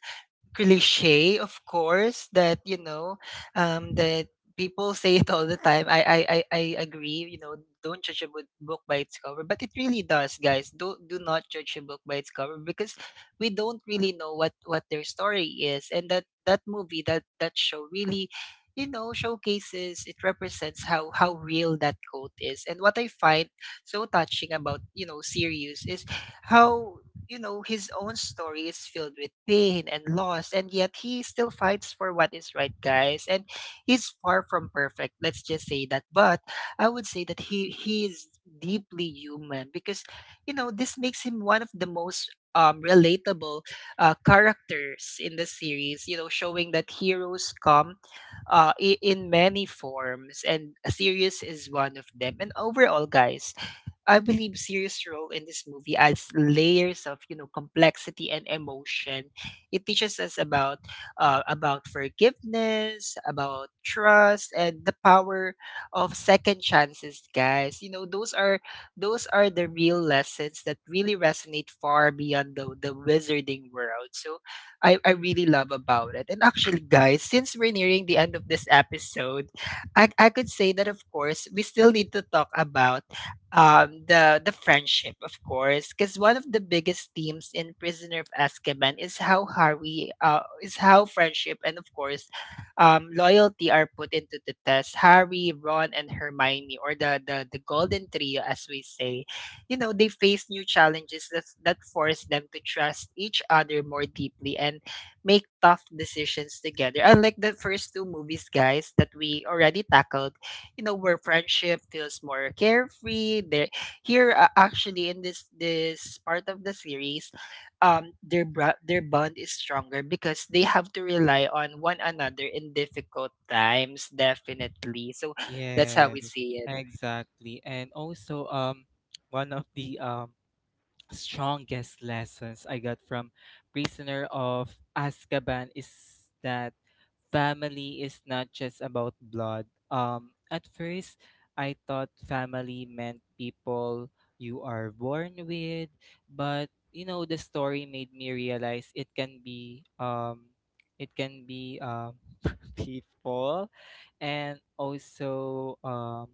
cliche, of course, that you know, um, that people say it all the time. I I I, I agree. You know, don't judge a book book by its cover, but it really does, guys. Do do not judge a book by its cover, because we don't really know what what their story is, and that that movie, that that show really, you know, showcases, it represents how how real that quote is. And what I find so touching about, you know, series is how, you know, his own story is filled with pain and loss, and yet he still fights for what is right, guys. And he's far from perfect. Let's just say that. But I would say that he he is deeply human, because you know, this makes him one of the most um relatable uh characters in the series, you know, showing that heroes come uh i- in many forms, and a series is one of them. And overall, guys, I believe Sirius' role in this movie adds layers of, you know, complexity and emotion. It teaches us about uh, about forgiveness, about trust, and the power of second chances, guys. You know, those are, those are the real lessons that really resonate far beyond the the wizarding world. So I I really love about it. And actually, guys, since we're nearing the end of this episode, I I could say that of course we still need to talk about um, the the friendship, of course, because one of the biggest themes in Prisoner of Azkaban is how Harry, uh, is how friendship, and of course, um, loyalty are put into the test. Harry, Ron, and Hermione, or the the the Golden Trio, as we say, you know, they face new challenges that that force them to trust each other more deeply and make tough decisions together. Unlike the first two movies, guys, that we already tackled, you know, where friendship feels more carefree there, here, uh, actually, in this this part of the series, um their bra- their bond is stronger, because they have to rely on one another in difficult times, definitely. So that's how
Yes,
we see
exactly. And also, um one of the um strongest lessons I got from Prisoner of Azkaban is that family is not just about blood. Um, at first, I thought family meant people you are born with, but you know the story made me realize it can be um it can be um people. And also, um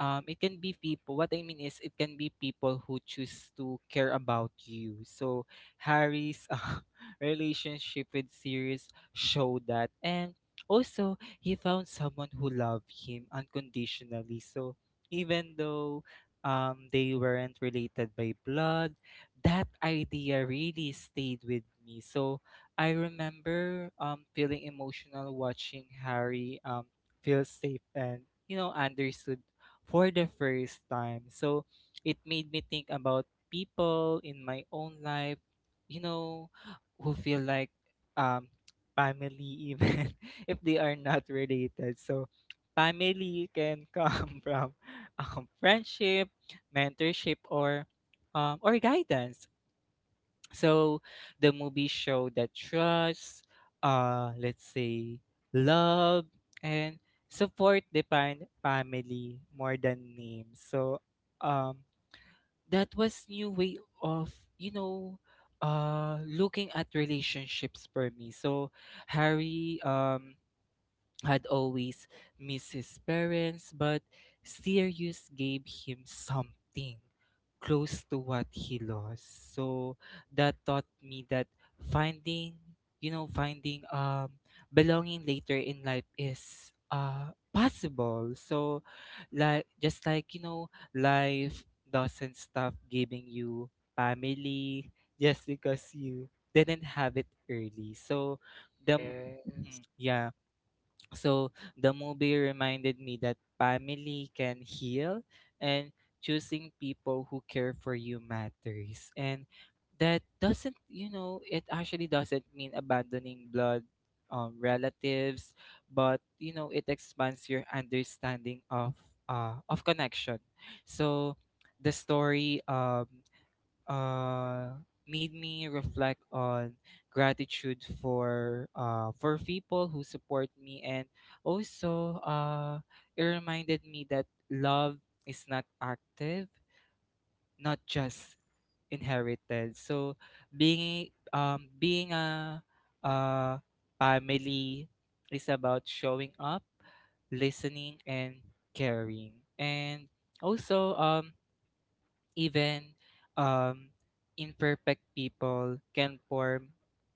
um, it can be people. What I mean is, it can be people who choose to care about you. So Harry's uh, relationship with Sirius showed that, and also he found someone who loved him unconditionally. So even though, um, they weren't related by blood, that idea really stayed with me. So I remember um, feeling emotional watching Harry um, feel safe and you know understood for the first time. So it made me think about people in my own life, you know, who feel like um family, even if they are not related. So family can come from, um, friendship, mentorship, or um, or guidance. So the movie showed that trust, uh, let's say, love and support define family more than names. So um that was new way of, you know, uh looking at relationships for me. So Harry um had always missed his parents, but Sirius gave him something close to what he lost. So that taught me that finding, you know, finding um belonging later in life is uh possible. So like just like, you know, life doesn't stop giving you family just because you didn't have it early. So the m-
it.
mhm. Yeah. So the movie reminded me that family can heal, and choosing people who care for you matters. And that doesn't, you know, it actually doesn't mean abandoning blood, um, relatives, but you know, it expands your understanding of uh, of connection. So the story um uh, made me reflect on gratitude for uh, for people who support me. And also, uh, it reminded me that love is not active, not just inherited. So being um, being a, a family is about showing up, listening, and caring. And also, um, even, um, imperfect people can form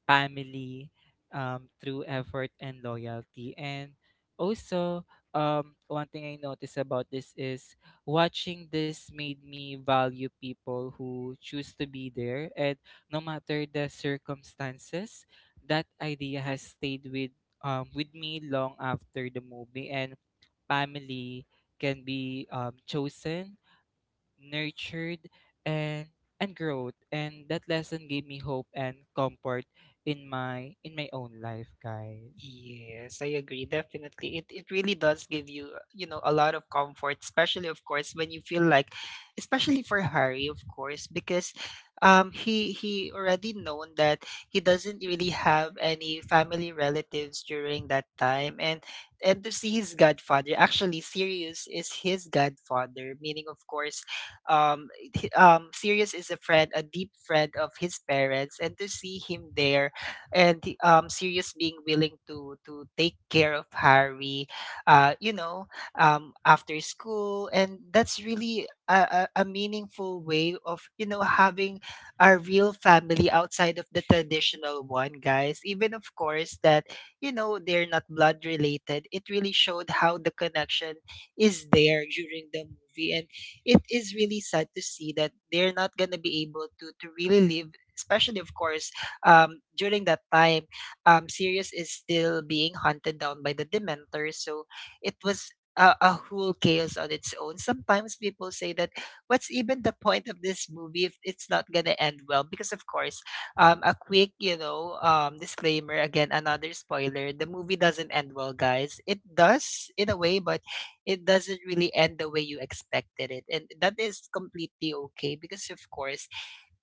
family um, through effort and loyalty. And also, um, one thing I noticed about this is watching this made me value people who choose to be there. And no matter the circumstances, that idea has stayed with um, with me long after the movie. And family can be um, chosen, nurtured, and and growth. And that lesson gave me hope and comfort in my in my own life, guys.
Yes, I agree. Definitely. It it really does give you, you know, a lot of comfort, especially of course when you feel like, especially for Harry, of course, because um he he already known that he doesn't really have any family relatives during that time. and and to see his godfather, actually Sirius is his godfather, meaning of course, um he- um Sirius is a friend, a deep friend of his parents, and to see him there, and he- um, Sirius being willing to to take care of Harry, uh, you know, um, after school, and that's really a, a, a meaningful way of, you know, having a real family outside of the traditional one, guys. Even of course that you know, they're not blood related, it really showed how the connection is there during the movie. And it is really sad to see that they're not gonna be able to to really live, especially of course, um, during that time, um, Sirius is still being hunted down by the Dementors. So it was a, a whole chaos on its own. Sometimes people say that what's even the point of this movie if it's not gonna end well? Because of course, um, a quick, you know, um, disclaimer again, another spoiler. The movie doesn't end well, guys. It does in a way, but it doesn't really end the way you expected it, and that is completely okay, because of course,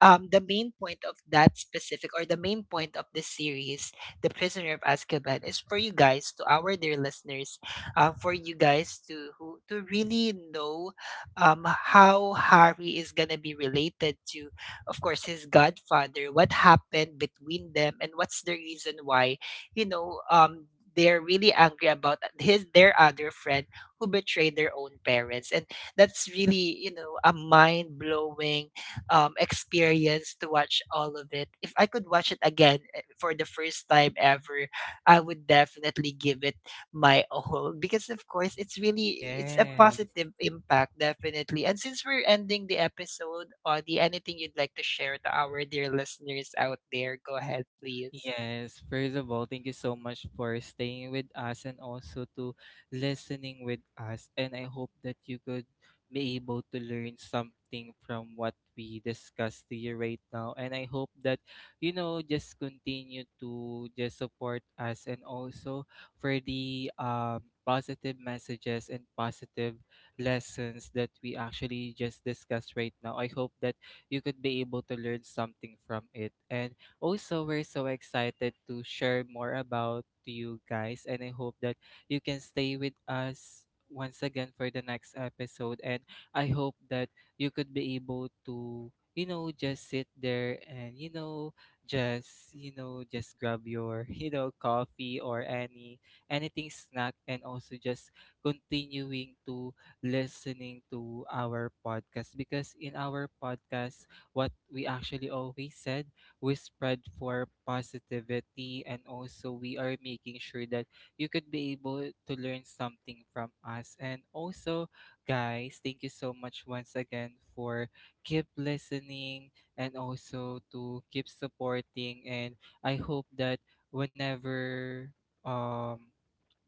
um, the main point of that specific, or the main point of this series, The Prisoner of Azkaban, is for you guys, to our dear listeners, uh, for you guys to who to really know um, how Harry is gonna be related to, of course, his godfather, what happened between them, and what's the reason why, you know, um, they're really angry about his their other friend who betrayed their own parents. And that's really, you know, a mind blowing um, experience to watch all of it. If I could watch it again, eh, for the first time ever, I would definitely give it my all, because of course it's really, it's a
yes
positive impact, definitely. And since we're ending the episode, Audie, anything you'd like to share to our dear listeners out there? Go ahead, please.
Yes, first of all, thank you so much for staying with us, and also to listening with us. And I hope that you could be able to learn something from what we discussed to you right now. And I hope that, you know, just continue to just support us, and also for the um, positive messages and positive lessons that we actually just discussed right now. I hope that you could be able to learn something from it. And also, we're so excited to share more about you guys, and I hope that you can stay with us once again for the next episode. And I hope that you could be able to, you know, just sit there and, you know, just, you know, just grab your, you know, coffee, or any anything snack, and also just continuing to listening to our podcast. Because in our podcast, what we actually always said, we spread for positivity, and also we are making sure that you could be able to learn something from us. And also, guys, thank you so much once again for keep listening, and also to keep supporting. And I hope that whenever, um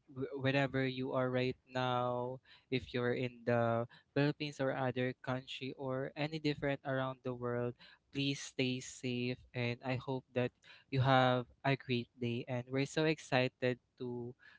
wh- wherever you are right now, if you're in the Philippines or other country or any different around the world, please stay safe. And I hope that you have a great day. And we're so excited to,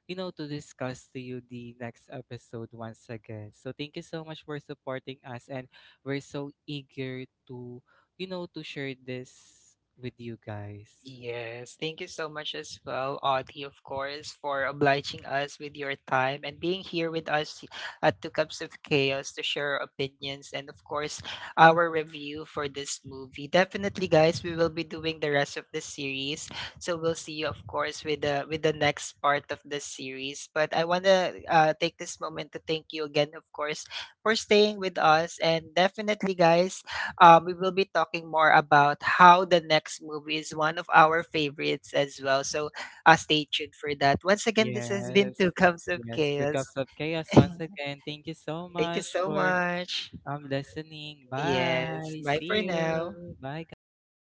you know, to discuss to you the next episode once again. So thank you so much for supporting us. And we're so eager to, you know, to share this with you guys.
Yes, thank you so much as well, Audie, of course, for obliging us with your time and being here with us at Two Cups of Chaos to share our opinions and, of course, our review for this movie. Definitely, guys, we will be doing the rest of the series, so we'll see you, of course, with the with the next part of the series. But I wanna uh, take this moment to thank you again, of course, for staying with us, and definitely, guys, um, we will be talking more about how the next movie is one of our favorites as well. So uh, stay tuned for that. Once again, this has
Yes.
been Two Cups of
Yes, Two Cups
Chaos.
of Chaos
Thank
once again. Thank you so
you
much
so
for
much.
um listening.
Yes.
Bye.
Bye for
See
now.
you. Bye guys.